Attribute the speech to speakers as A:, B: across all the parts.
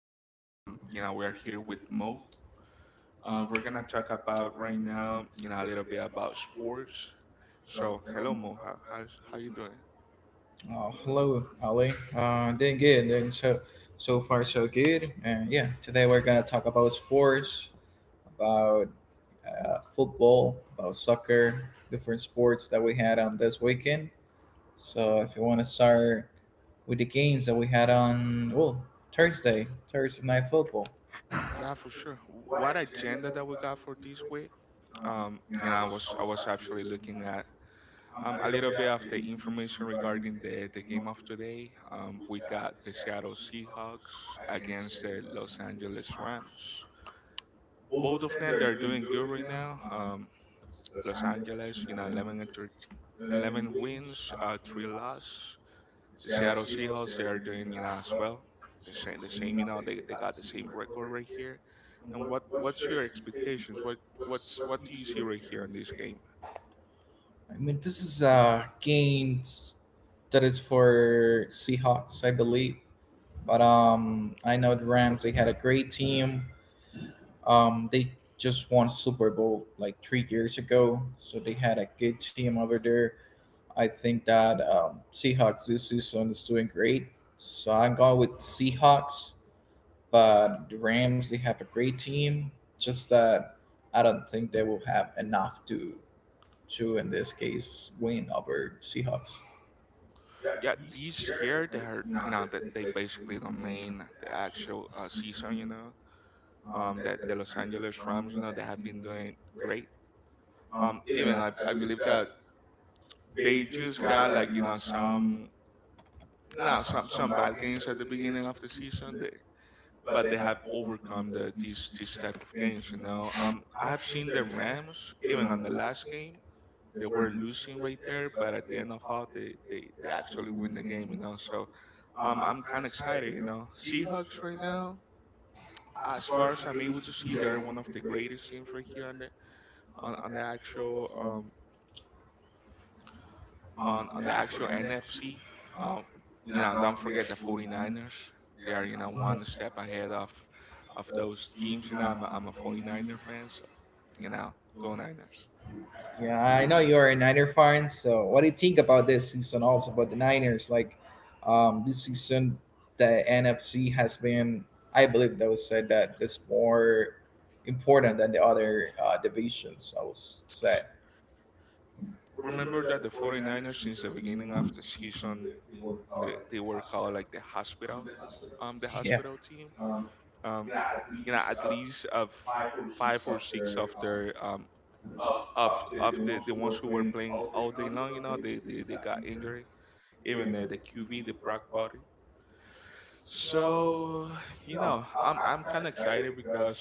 A: Ale. We are here with Mo. We're gonna talk about right now, a little bit about sports. So, hello, Mo. How you doing?
B: Hello, Ali. Doing good. Doing so far so good. And yeah, today we're gonna talk about sports, about football, about soccer, different sports that we had on this weekend. So if you want to start with the games that we had on well Thursday, Thursday night football.
A: Yeah, for sure. What agenda that we got for this week? I was actually looking at a little bit of the information regarding the game of today. We got the Seattle Seahawks against the Los Angeles Rams. Both of them, they are doing good right now. Los Angeles, 11 and 13, 11 wins, three loss. The Seattle Seahawks, they are doing, as well. The same, they got the same record right here. And what's your expectations? What do you see right here in this game?
B: I mean, this is games that is for Seahawks, I believe. But I know the Rams. They had a great team. They just won Super Bowl like 3 years ago, so they had a good team over there. I think that Seahawks this season is doing great, so I'm going with Seahawks. But the Rams, they have a great team. Just that I don't think they will have enough to in this case win over Seahawks.
A: Yeah, this year they are, that they basically domain the actual season. That the Los Angeles Rams, they have been doing great. Even I believe that they just got like some. Now, some bad games at the beginning of the season, but they have overcome these type of games. I have seen the Rams even on the last game. They were losing right there, but at the end of all, they actually win the game. So I'm kind of excited. Seahawks right now. As far as I'm able to see, they're one of the greatest teams right here on the actual NFC, um, don't forget the 49ers. They are, one step ahead of those teams. I'm a 49er fan, so, you know, go Niners.
B: Yeah, I know you're a Niner fan. So, what do you think about this season? Also about the Niners, like this season, the NFC has been, I believe, that was said that it's more important than the other divisions. I was
A: S-
B: said.
A: Remember that the 49ers, since the beginning of the season, they were called like the hospital team. Um, at least of five or six of their of of the ones who were playing all day long, they got injured. Even the QV, the Brock Party. So, I'm kind of excited because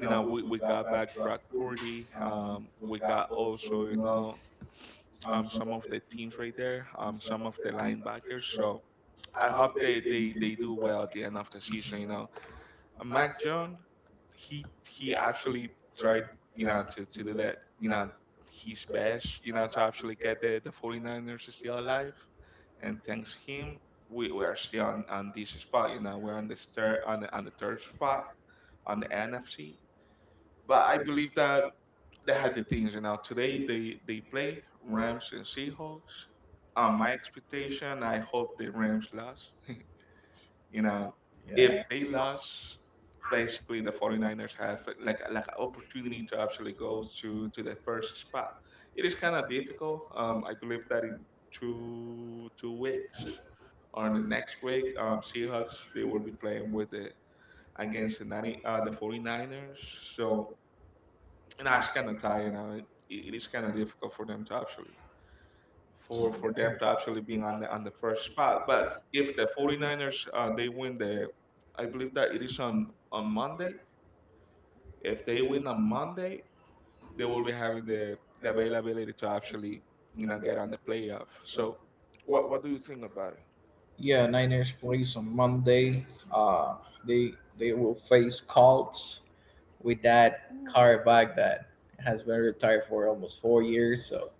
A: we got back Brock Purdy. We got also some of the teams right there. Some of the linebackers. So I hope they do well at the end of the season. Mac Jones, he he actually tried, to do that. You know his best. To actually get the 49ers still alive, and thanks him, we are still on this spot. We're on the third on the third spot on the NFC. But I believe that they had the things. Today they play Rams and Seahawks. On my expectation, I hope the Rams lost. You know, if
B: Yeah,
A: they
B: yeah,
A: lost, basically the 49ers have like an opportunity to actually go to the first spot. It is kind of difficult. I believe that in two weeks, on the next week, Seahawks, they will be playing with the against the 90, the 49ers. So and know it's kind of tight, and it is kind of difficult for them to actually for them to actually being on the first spot. But if the 49ers, they win the, I believe that it is on Monday. If they win on Monday, they will be having the availability to actually get on the playoff. So what do you think about
B: yeah. Niners plays on Monday. Uh, they they will face Colts with that quarterback that has been retired for almost 4 years. So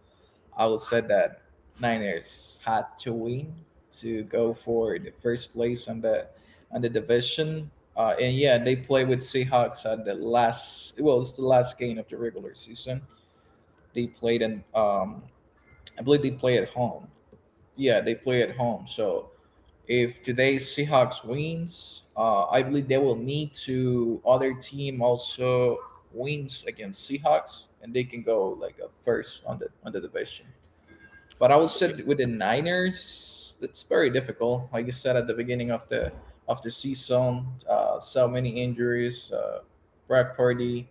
B: I will say that Niners had to win to go for the first place on the division. And yeah, they play with Seahawks at the last. Well, it's the last game of the regular season. They played in. I believe they play at home. Yeah, they play at home. So if today's Seahawks wins, I believe they will need to other team also wins against Seahawks, and they can go like a first on the division. But I would
A: it?
B: say with the Niners, it's very difficult. Like you said at the beginning of the season, so many injuries. Brad Purdy.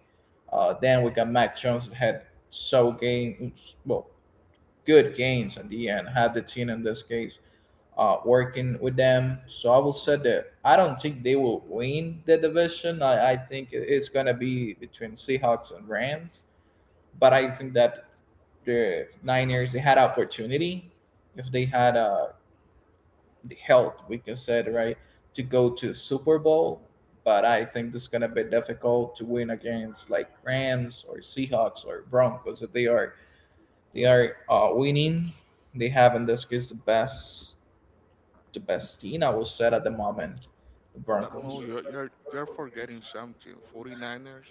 B: Then we got Mac Jones that had so game well good gains at the end. Had the team in this case working with them. So I will say that I don't think they will win the division. I think it's gonna be between Seahawks and Rams. But I think that the Niners they had opportunity if they had the health, we can say right, to go to Super Bowl. But I think it's gonna be difficult to win against like Rams or Seahawks or Broncos if they are winning. They have in this case the best team I will say at the moment, the
A: But Mo,
B: Broncos.
A: you're forgetting something. 49ers,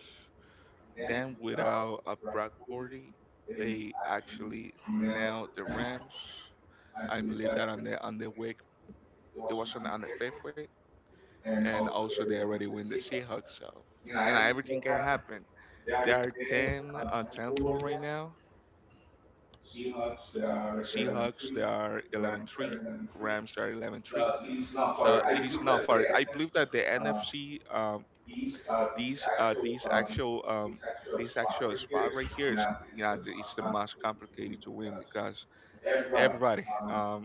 A: then without a Brock Purdy, they actually nailed the Rams. I believe that on the week it was on the fifth week, and also they already win the Seahawks. So everything can happen. They are 10 on 10-4 right now. Seahawks, they are 11-3. Rams, they are 11-3. So it is not far. I believe that the NFC these actual this actual spot right here is it's the most complicated to win because everybody,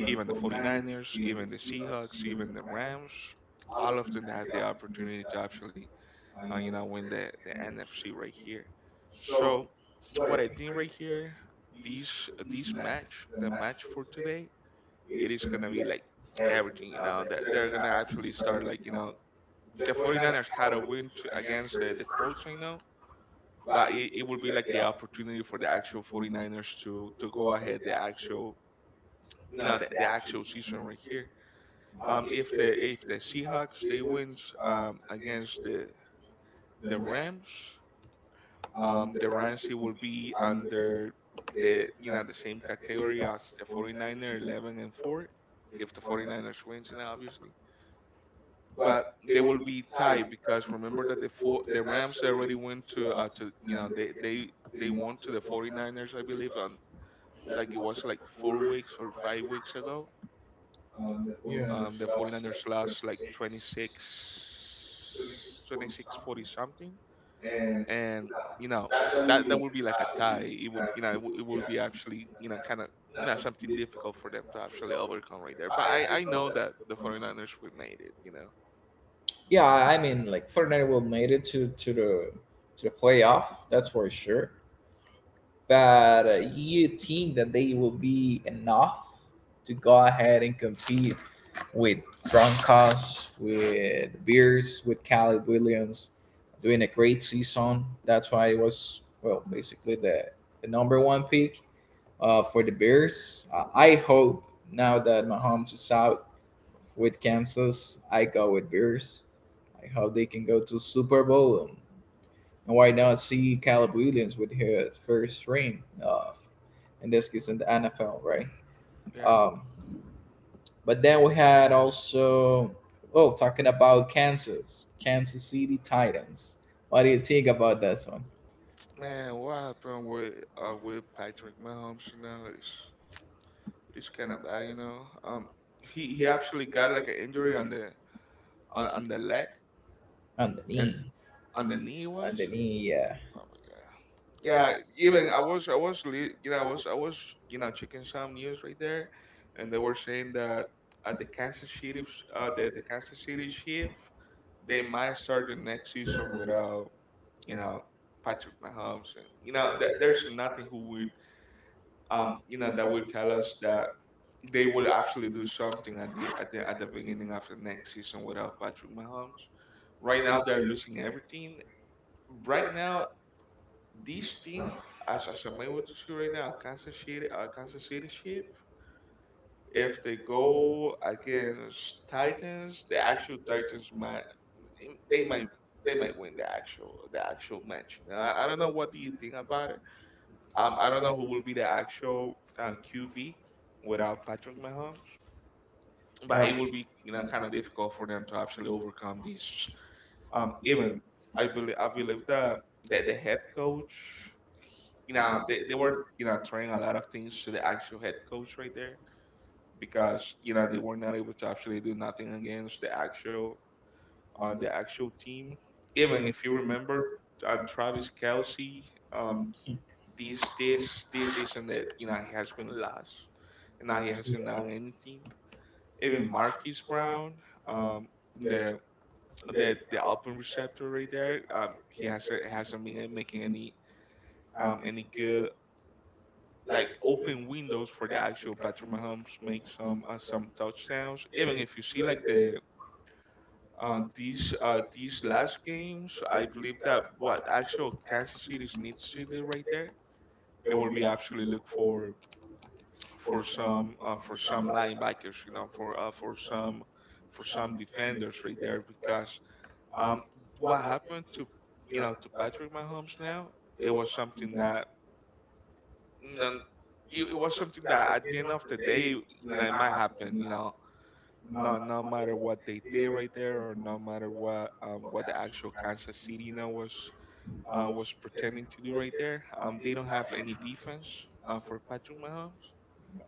A: even the 49ers, even the Seahawks, even the Rams, all of them have the opportunity to actually win the NFC right here. So what I think right here, these this match the match for today, it is gonna be like everything. That they're gonna actually start like, the 49ers had a win to, against the Colts right now, but it would be like the opportunity for the actual 49ers to go ahead the actual, the actual season right here. If the Seahawks they wins against the Rams, the Rams, it will be under the, the same category as the 49er 11-4. If the 49ers wins, obviously, but they will be tied because remember that the Rams already went to, they won to the 49ers, I believe, on like it was like 4 weeks or 5 weeks ago. The 49ers lost like 26 40 something, and you know that that would be like a tie. It would be actually, kind of, something difficult for them to actually overcome right there. But I know that the 49ers will made it.
B: Yeah, I mean, like Fortnite will made it to the playoff. That's for sure. But you think that they will be enough to go ahead and compete with Broncos, with Bears, with Caleb Williams, doing a great season. That's why it was well basically the number one pick for the Bears. I hope now that Mahomes is out with Kansas, I go with Bears like how they can go to Super Bowl and why not see Caleb Williams with her first ring of in this case in the NFL, right?
A: Yeah.
B: Um, but then we had also oh talking about Kansas, Kansas City Titans. What do you think about this one?
A: Man, what happened with Patrick Mahomes now? It's kind of bad. He actually got like an injury on the leg, and
B: Underneath,
A: on the
B: underneath,
A: knee it was.
B: yeah,
A: Oh my god. Yeah, even I was checking some news right there, and they were saying that the Kansas City, the Kansas City Chief, they might start the next season without, you know Patrick Mahomes, and there's nothing who would, that will tell us that they will actually do something at the beginning of the next season without Patrick Mahomes. Right now, they're losing everything. Right now, this team, as I'm able to see right now, Kansas City, Kansas City Chief, if they go against Titans, the actual Titans might, they might they might win the actual match. I don't know. What do you think about it? I don't know who will be the actual, QB without Patrick Mahomes, but it will be,
B: yeah,
A: kind of difficult for them to actually overcome this. Even I believe that the head coach, they were, throwing a lot of things to the actual head coach right there because, they were not able to actually do nothing against the actual, the actual team. Even if you remember, Travis Kelsey, um, this season that, he has been last. And now he hasn't done anything. Even Marquise Brown, um, the the open receptor right there, he hasn't been making any, any good like open windows for the actual Patrick Mahomes make some, some touchdowns. Even if you see like these last games, I believe that what actual Kansas City needs to do right there, it will be actually look for some, for some linebackers, for, for some defenders right there because, um, what happened to, to Patrick Mahomes now, it was something that, you know, it was something that at the end of the day, it might happen, no matter what they did right there, or no matter what, what the actual Kansas City, was, was pretending to do right there, they don't have any defense, for Patrick Mahomes.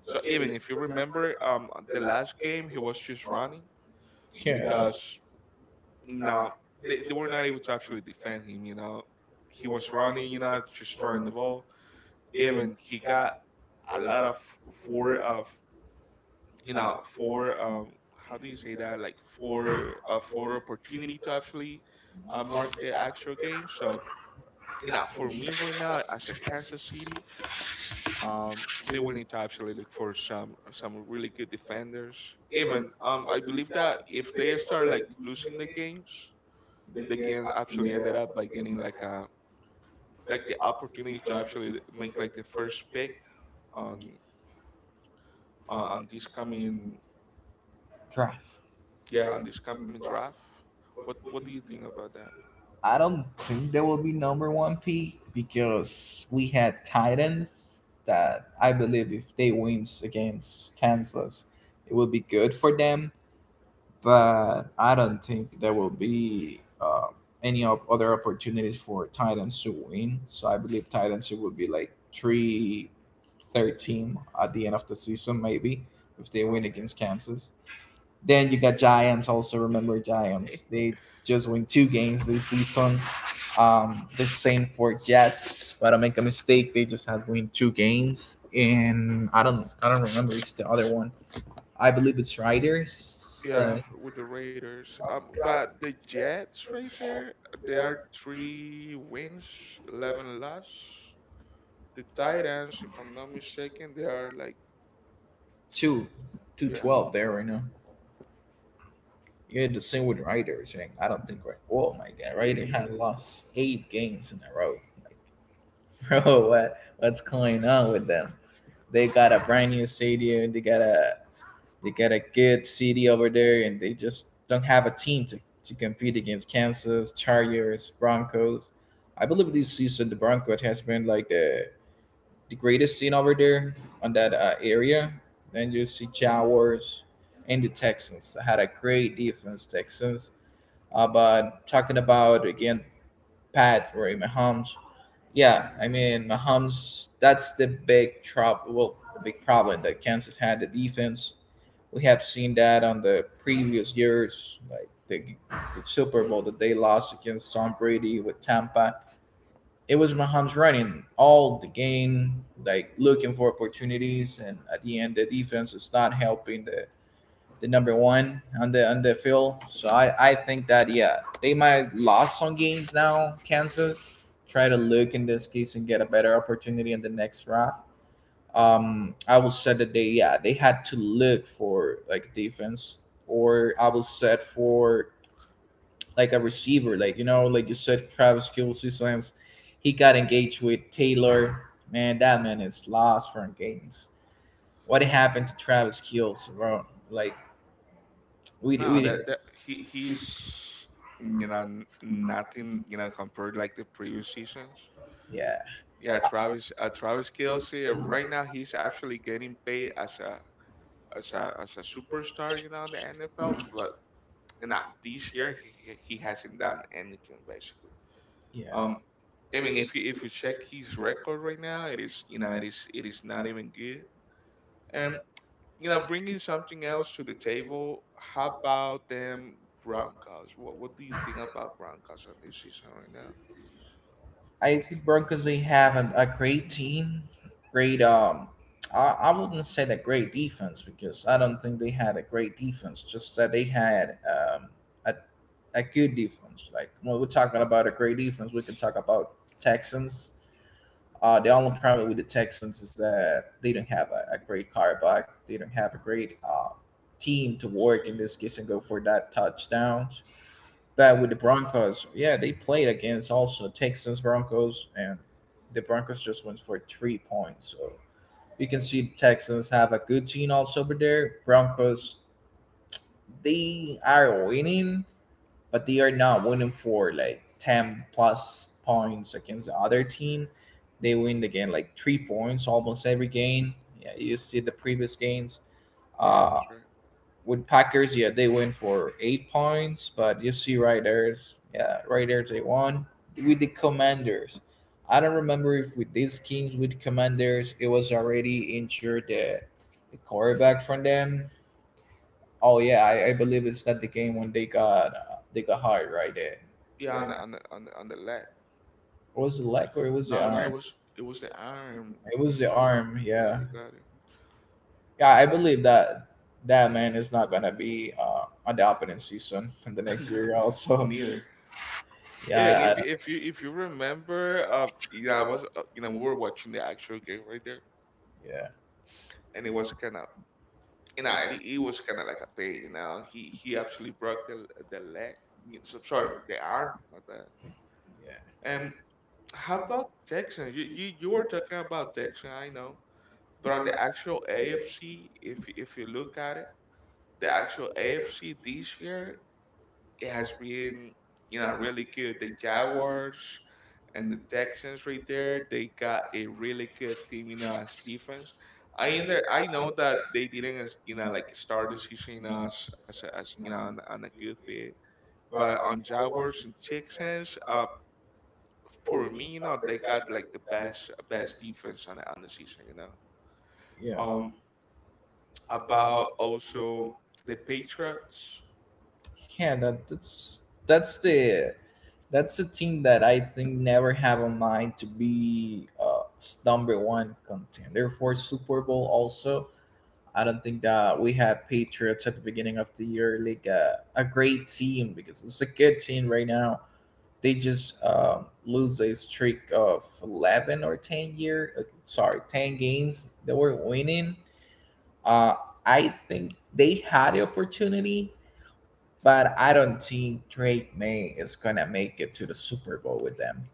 A: So even if you remember, the last game he was just running
B: yeah.
A: because now they were not able to actually defend him. He was running. Just throwing the ball. Even he got a lot of four of four, how do you say that, like four opportunity to actually, mark the actual game. So, for me right now as a Kansas City, um, they will need to actually look for some really good defenders. Even I believe that if they start like losing the games, they can actually end it up by getting like the opportunity to actually make like the first pick on on this coming
B: Drive.
A: yeah, on this coming draft. What do you think about that?
B: I don't think they will be number one P because we had Titans that I believe if they wins against Kansas, it will be good for them. But I don't think there will be any other opportunities for Titans to win. So I believe Titans it would be like three, 13 at the end of the season maybe if they win
A: Oh man.
B: against Kansas. Then you got Giants. Also remember Giants. They just win two games this season the same for Jets. If I don't make a mistake, they just had win two games, and I don't remember it's the other one. I believe it's Riders.
A: Yeah, with the Raiders. But the Jets right there, they are three wins, 11 loss. The Titans, if I'm not mistaken, they are like this
B: Two,
A: one.
B: two
A: Yeah.
B: twelve there right now. Yeah, the same with Riders. Right? I don't think right. Oh my God, Ryder had lost eight games in a row. Like, bro, what's going on with them? They got a brand new stadium. They got a good city over there, and they just don't have a team to compete against Kansas, Chargers, Broncos. I believe this season the Broncos has been like the greatest team over there on that area. Then you see Jaguars and the Texans. They had a great defense, Texans. But talking about again Pat or Mahomes, yeah, I mean Mahomes. That's the big trouble. Well, the big problem that Kansas had the defense we have seen that on the previous years, like the Super Bowl that they lost against Tom Brady with Tampa. It was Mahomes running all the game, like looking for opportunities, and at the end, the defense is not helping the number one on the field. So I think that yeah, they might lost some games now. Kansas try to look in this case and get a better opportunity in the next round I will say that they yeah they had to look for like defense, or I will set for like a receiver, like you know, like you said, Travis Kelsey since he got engaged with Taylor. Man, that man is lost for games. What happened to Travis Kelsey, bro? Like we
A: No,
B: we
A: that he's nothing compared like the previous seasons.
B: yeah
A: Yeah, Travis Kelsey right now he's actually getting paid as a superstar in the NFL, but not this year he hasn't done anything basically.
B: yeah
A: Um, I mean, if you check his record right now, it is not even good. Bringing something else to the table. How about them Broncos? What do you think about Broncos on this season right now?
B: I think Broncos they have an, a great team, great. I wouldn't say that great defense because I don't think they had a great defense. Just that they had a good defense. Like when we're talking about a great defense, we can talk about Texans. The only problem with the Texans is that they don't have a great quarterback. They don't have a great team to work in this case and go for that touchdown that with the Broncos. Yeah, they played against also Texans Broncos, and the Broncos just went for 3 points. So you can see the Texans have a good team also over there. Broncos they are winning, but they are not winning for like ten plus points against the other team. They win the game like 3 points almost every game. Yeah, you see the previous games.
A: Yeah, that's
B: Uh,
A: right.
B: with Packers, yeah, they win for 8 points, but you see right there's yeah, right there they won. With the commanders. I don't remember if with these teams with commanders it was already injured the quarterback from them. Oh yeah, I believe it's not the game when they got they got hurt right there.
A: Yeah, on the leg.
B: Was it leg or it was the
A: No, no, it
B: arm?
A: was it was the arm.
B: It was the arm,
A: Yeah,
B: yeah.
A: you got
B: Yeah, I believe that that man is not gonna be on the opponent season in the next
A: it.
B: year also.
A: Neither. Even
B: Yeah,
A: if you
B: I,
A: if you if you remember, yeah, I was you know we were watching the actual game right there,
B: yeah.
A: and it was kind of like a pain. He actually broke the leg. So, sorry, the arm. My bad. And how about Texans? You were talking about Texans, I know, but on the actual AFC, if you look at it, the actual AFC this year, it has been really good. The Jaguars and the Texans right there, they got a really good team, as defense. I In there, I know that they didn't, like start the season, as a- as you know on a good fit, but on Jaguars and Texans, for me, they got like the best defense on the season.
B: yeah
A: Um, about also the Patriots,
B: yeah that's the that's the team that I think never have on mind to be number one contender for super bowl also I don't think that we had patriots at the beginning of the year like a great team because it's a good team right now they just lose a streak of 11 or 10 year sorry 10 games that were winning uh, I think they had the opportunity but I don't think Drake May is gonna make it to the Super Bowl with them.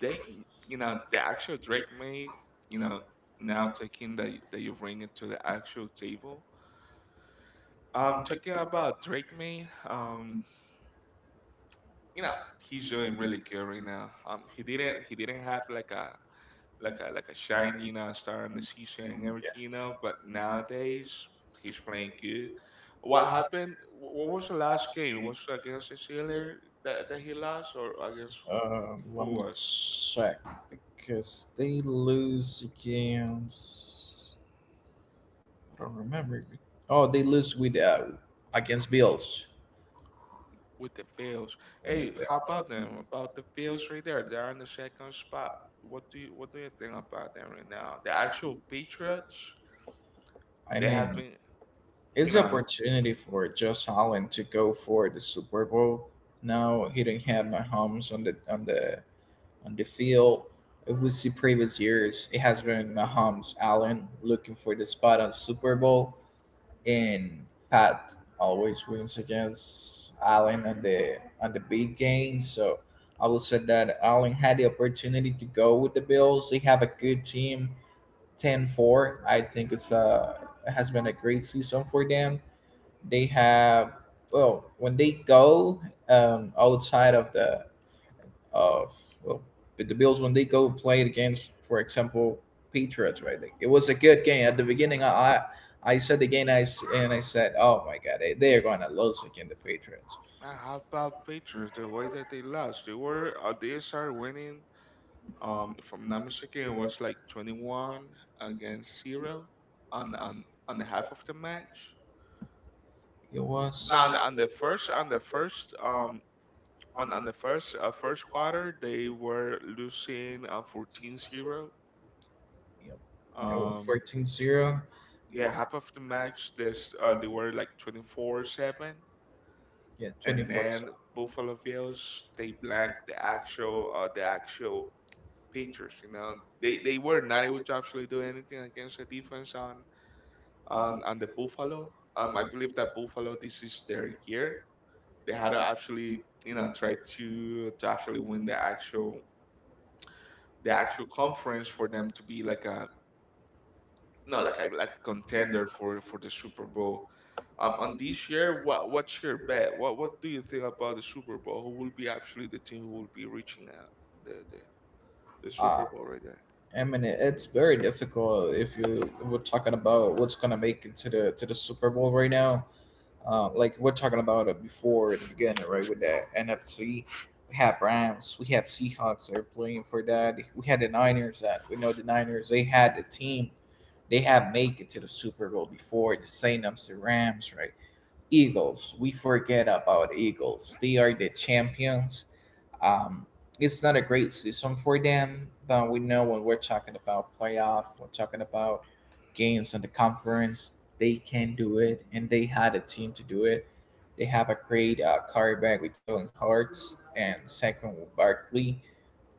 A: they the actual Drake May, you know, now taking that you bring it to the actual table. Talking about Drake May, you know, he's doing really good right now. He didn't have like a
B: Yeah.
A: shiny star in the season and everything. But nowadays he's playing good. What happened? What was the last game? It was against the Steelers that he lost, or against
B: Let
A: who
B: me
A: was
B: check because they lose against. I don't remember. Oh, they lose with against Bills.
A: with the Bills?
B: When do
A: Hey, how about
B: Bills-
A: them? About the Bills right there? They're in the second spot. What do you think about them right now? The actual Patriots,
B: I
A: they have
B: mean,
A: been, you
B: It's an
A: know.
B: opportunity for Josh Allen to go for the Super Bowl. Now he didn't have Mahomes on the on the on the field. If we see previous years, it has been Mahomes Allen looking for the spot on Super Bowl, and Pat always wins against Allen on the big game. So I would say that Allen had the opportunity to go with the Bills. They have a good team, 10-4. I think it's a it has been a great season for them they have well when they go outside of the of well with the Bills when they go play against for example Patriots right Like, it was a good game at the beginning I said the game and I said oh my god they are gonna lose against the Patriots
A: Man, how about Patriots? The way that they lost, they started winning. If I'm not mistaken, it was like 21 against zero on the half of the match.
B: it was
A: Now on the first first quarter they were losing 14-0.
B: yep, it was
A: Um,
B: 14 zero.
A: yeah, half of the match this, they were like 24-7,
B: Yeah
A: and
B: 24
A: then
B: zero.
A: Buffalo Bills they blanked the actual Patriots. They were not able to actually do anything against the defense on and the buffalo. I believe that buffalo, this is their year. They had to actually, try to actually win the actual conference for them to be like a, no, like a contender for the Super Bowl. On this year, what's your bet? What do you think about the Super Bowl? Who will be actually the team who will be reaching the the the
B: uh,
A: Super Bowl right there?
B: I mean, it's very difficult if you we're talking about what's gonna make it to the Super Bowl right now. Like we're talking about it before at the beginning, right? With that NFC, we have Rams, we have Seahawks that are playing for that. We had the Niners, that we know the Niners they had the team, they had make it to the Super Bowl before the Saints, the Rams, right? Eagles, we forget about Eagles. They are the champions. Um, it's not a great season for them, but we know when we're talking about playoff, we're talking about games in the conference, they can do it, and they had a team to do it. They have a great quarterback with Jalen Hurts and second with Barkley.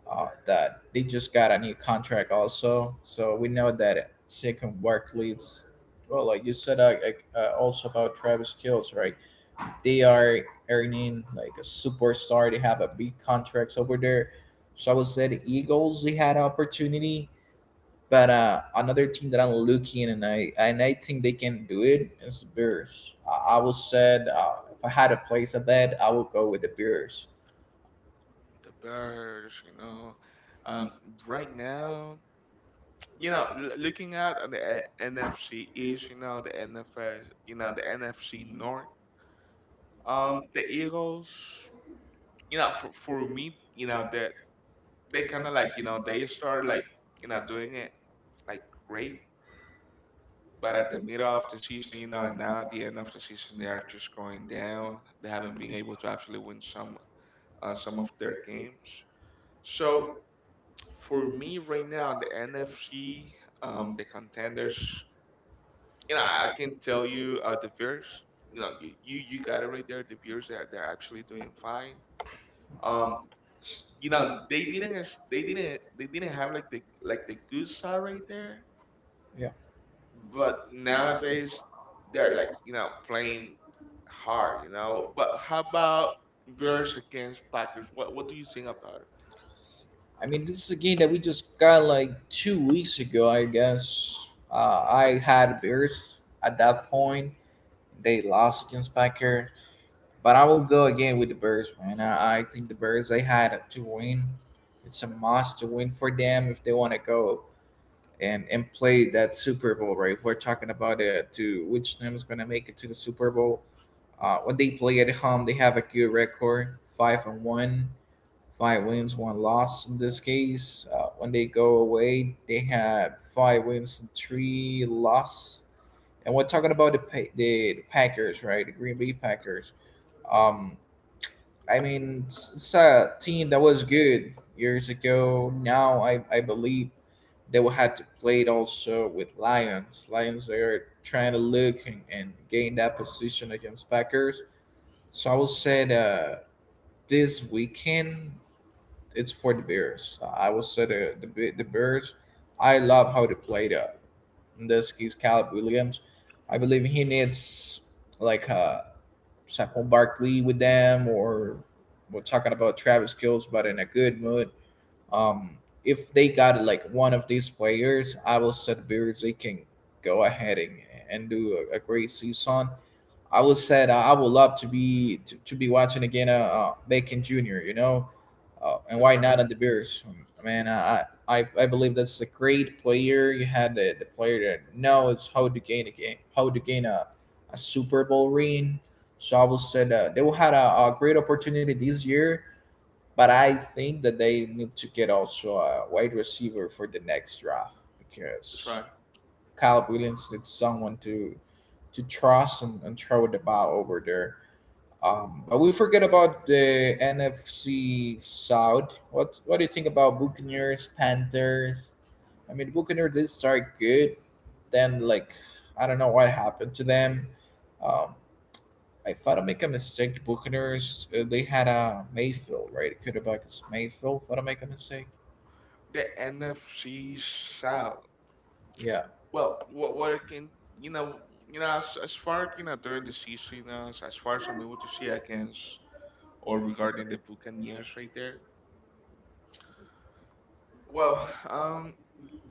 B: That they just got a new contract also, so we know that second Barkley. It's well, like you said, like, also about Travis Kills, right? They are earning like a superstar. They have a big contracts over there. So I would say the Eagles they had an opportunity, but another team that I'm looking and I think they can do it is the Bears. I would said if I had to place a bet, I would go with the Bears.
A: The Bears. Um, right now. Looking at the NFC East, the NFS, the NFC North, the Eagles, for me, that they kind of like, they started like, doing it like great, but at the middle of the season, and now at the end of the season, they are just going down. They haven't been able to actually win some of their games. So for me, right now, in the NFC, the contenders. And I can tell you the viewers, you got it right there. The viewers are they're actually doing fine. Um, they didn't they didn't have like the good star right there,
B: Yeah,
A: but nowadays they're like playing hard. But how about Bears against Packers? What do you think about it?
B: I mean this is a game that we just got like 2 weeks ago, I guess. I had Bears at that point. They lost against Packers. But I will go again with the Bears, man. I think the Bears they had to win. It's a must to win for them if they want to go and play that Super Bowl, right? If we're talking about it, to which team is going to make it to the Super Bowl? When they play at home, they have a good record, 5-1, five wins, one loss in this case. When they go away, they have five wins and three loss. And we're talking about the Packers, right? The Green Bay Packers. Um, I mean, it's a team that was good years ago. Now I believe they will have to play it also with Lions. Lions they are trying to look and gain that position against Packers. So I will say that this weekend it's for the Bears. So, I will say the Bears. I love how they played up. In this case, Caleb Williams. I believe he needs like a Saquon Barkley with them, or we're talking about Travis Kills, but in a good mood. Um, if they got like one of these players, I will set Bears they can go ahead and do a great season. I was say, I would love to be to be watching again Bacon Jr. And
A: That's
B: why not
A: right.
B: on the Bears? Man, I believe that's a great player. You had the player that knows how to gain a game, how to gain a Super Bowl ring. So I will say that they will had a great opportunity this year, but I think that they need to get also a wide receiver for the next draft
A: That's
B: because
A: right.
B: Kyle Williams needs someone to trust and throw the ball over there. But we forget about the NFC South. What do you think about Buccaneers, Panthers? I mean, Buccaneers did start good, then like I don't know what happened to them. Um, I thought I make a mistake. The Buccaneers they had a Mayfield, right? It could quarterback is Mayfield. Thought I make a mistake.
A: The NFC South.
B: Yeah,
A: Well, what I can you know you know as far during the season as far as I'm able to see against or regarding the Buccaneers right there. Well, um,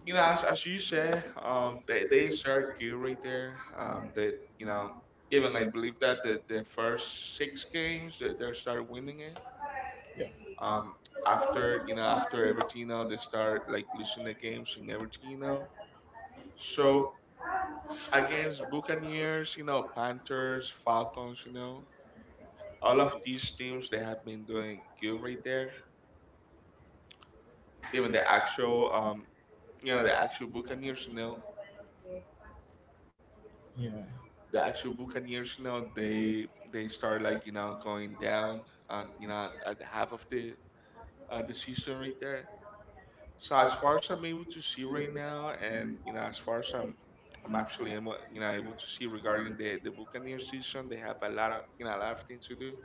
A: as you said, they start good right there. That you know Even I believe that their first six games they start winning it.
B: yeah,
A: Um, after after everything they start like losing the games and everything. So, against Buccaneers, Panthers, Falcons, all of these teams they have been doing good right there. Even the actual Buccaneers
B: yeah,
A: the actual Buccaneers, you know, they they start like going down, at the half of the season right there. So as far as I'm able to see right now, and as far as I'm actually able, you know able to see regarding the Buccaneers season, they have a lot of things to do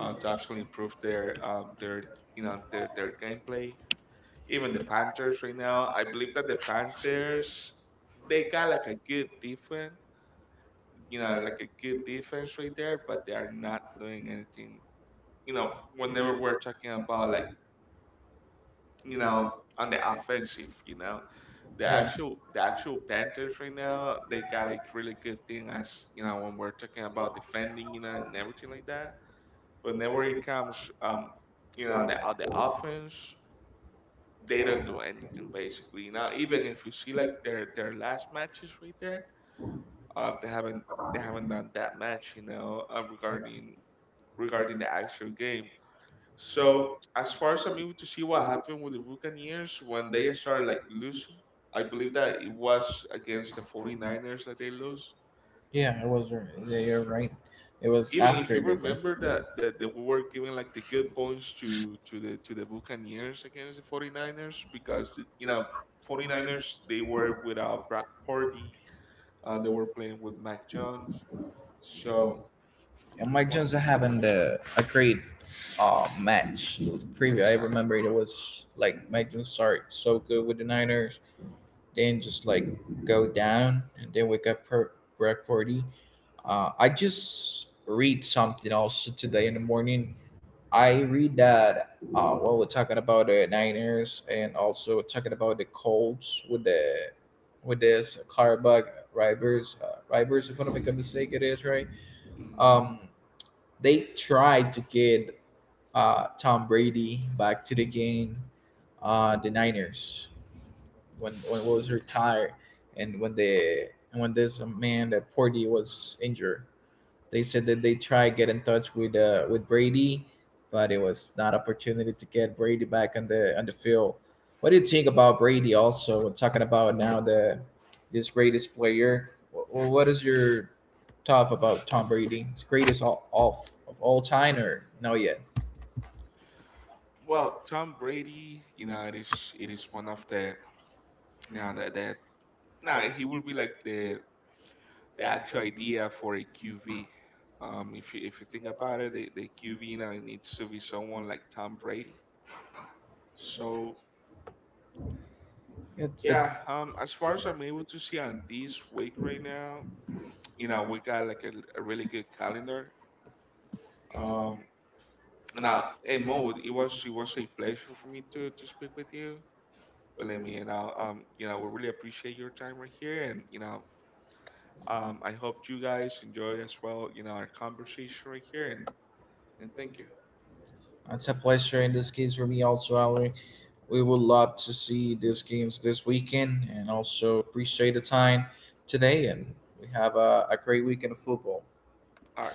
A: to actually improve their their gameplay. Even the Panthers right now, I believe that the Panthers they got like a good defense, like a good defense right there, but they are not doing anything. You know, whenever we're talking about like you know on the offensive, the
B: yeah.
A: actual the actual Panthers right now they got a really good thing as when we're talking about defending, and everything like that. But whenever it comes on the offense, they don't do anything basically. Now even if you see like their last matches right there, uh they haven't they haven't done that much, regarding the actual game. So as far as I'm able to see what happened with the Buccaneers when they started like losing, I believe that it was against the 49ers that they lose.
B: Yeah, it was. Yeah, you're right. It was
A: Even if you
B: after the game.
A: remember that they were giving like the good points to the Buccaneers against the 49ers because 49ers they were without Brock Purdy, they were playing with Mac Jones, so,
B: Yeah, Mike
A: well,
B: Johnson having the a great match. The Preview, I
A: exact.
B: remember it was like Mike Johnson started so good with the Niners, then just like go down, and then we got Brock Purdy. I just read something also today in the morning, I read that while we're talking about the Niners and also talking about the Colts with the with this Carbug Rivers Rivers, if I don't make a mistake, it is right.
A: Mhm.
B: Um, they tried to get Tom Brady back to the game. The Niners when he was retired and when the and when this man that Porty was injured. They said that they tried get in touch with Brady, but it was not opportunity to get Brady back on the field. What do you think about Brady? Also, we're talking about now the this greatest player. What is your thought about Tom Brady? His greatest all of all time, or no yet?
A: Well, Tom Brady it is one of the, yeah, that, nah, he will be like the actual idea for a QV if you think about it, the QV it needs to be someone like Tom Brady. So
B: It's
A: yeah,
B: a,
A: as far as I'm able to see on this week right now, we got like a really good calendar. Um, Now, and Mo, it was a pleasure for me to speak with you. Believe me, we really appreciate your time right here, and I hope you guys enjoy as well, our conversation right here, and thank you.
B: it's a pleasure in this case for me also, Ali. We would love to see these games this weekend and also appreciate the time today. And we have a great weekend of football.
A: All right.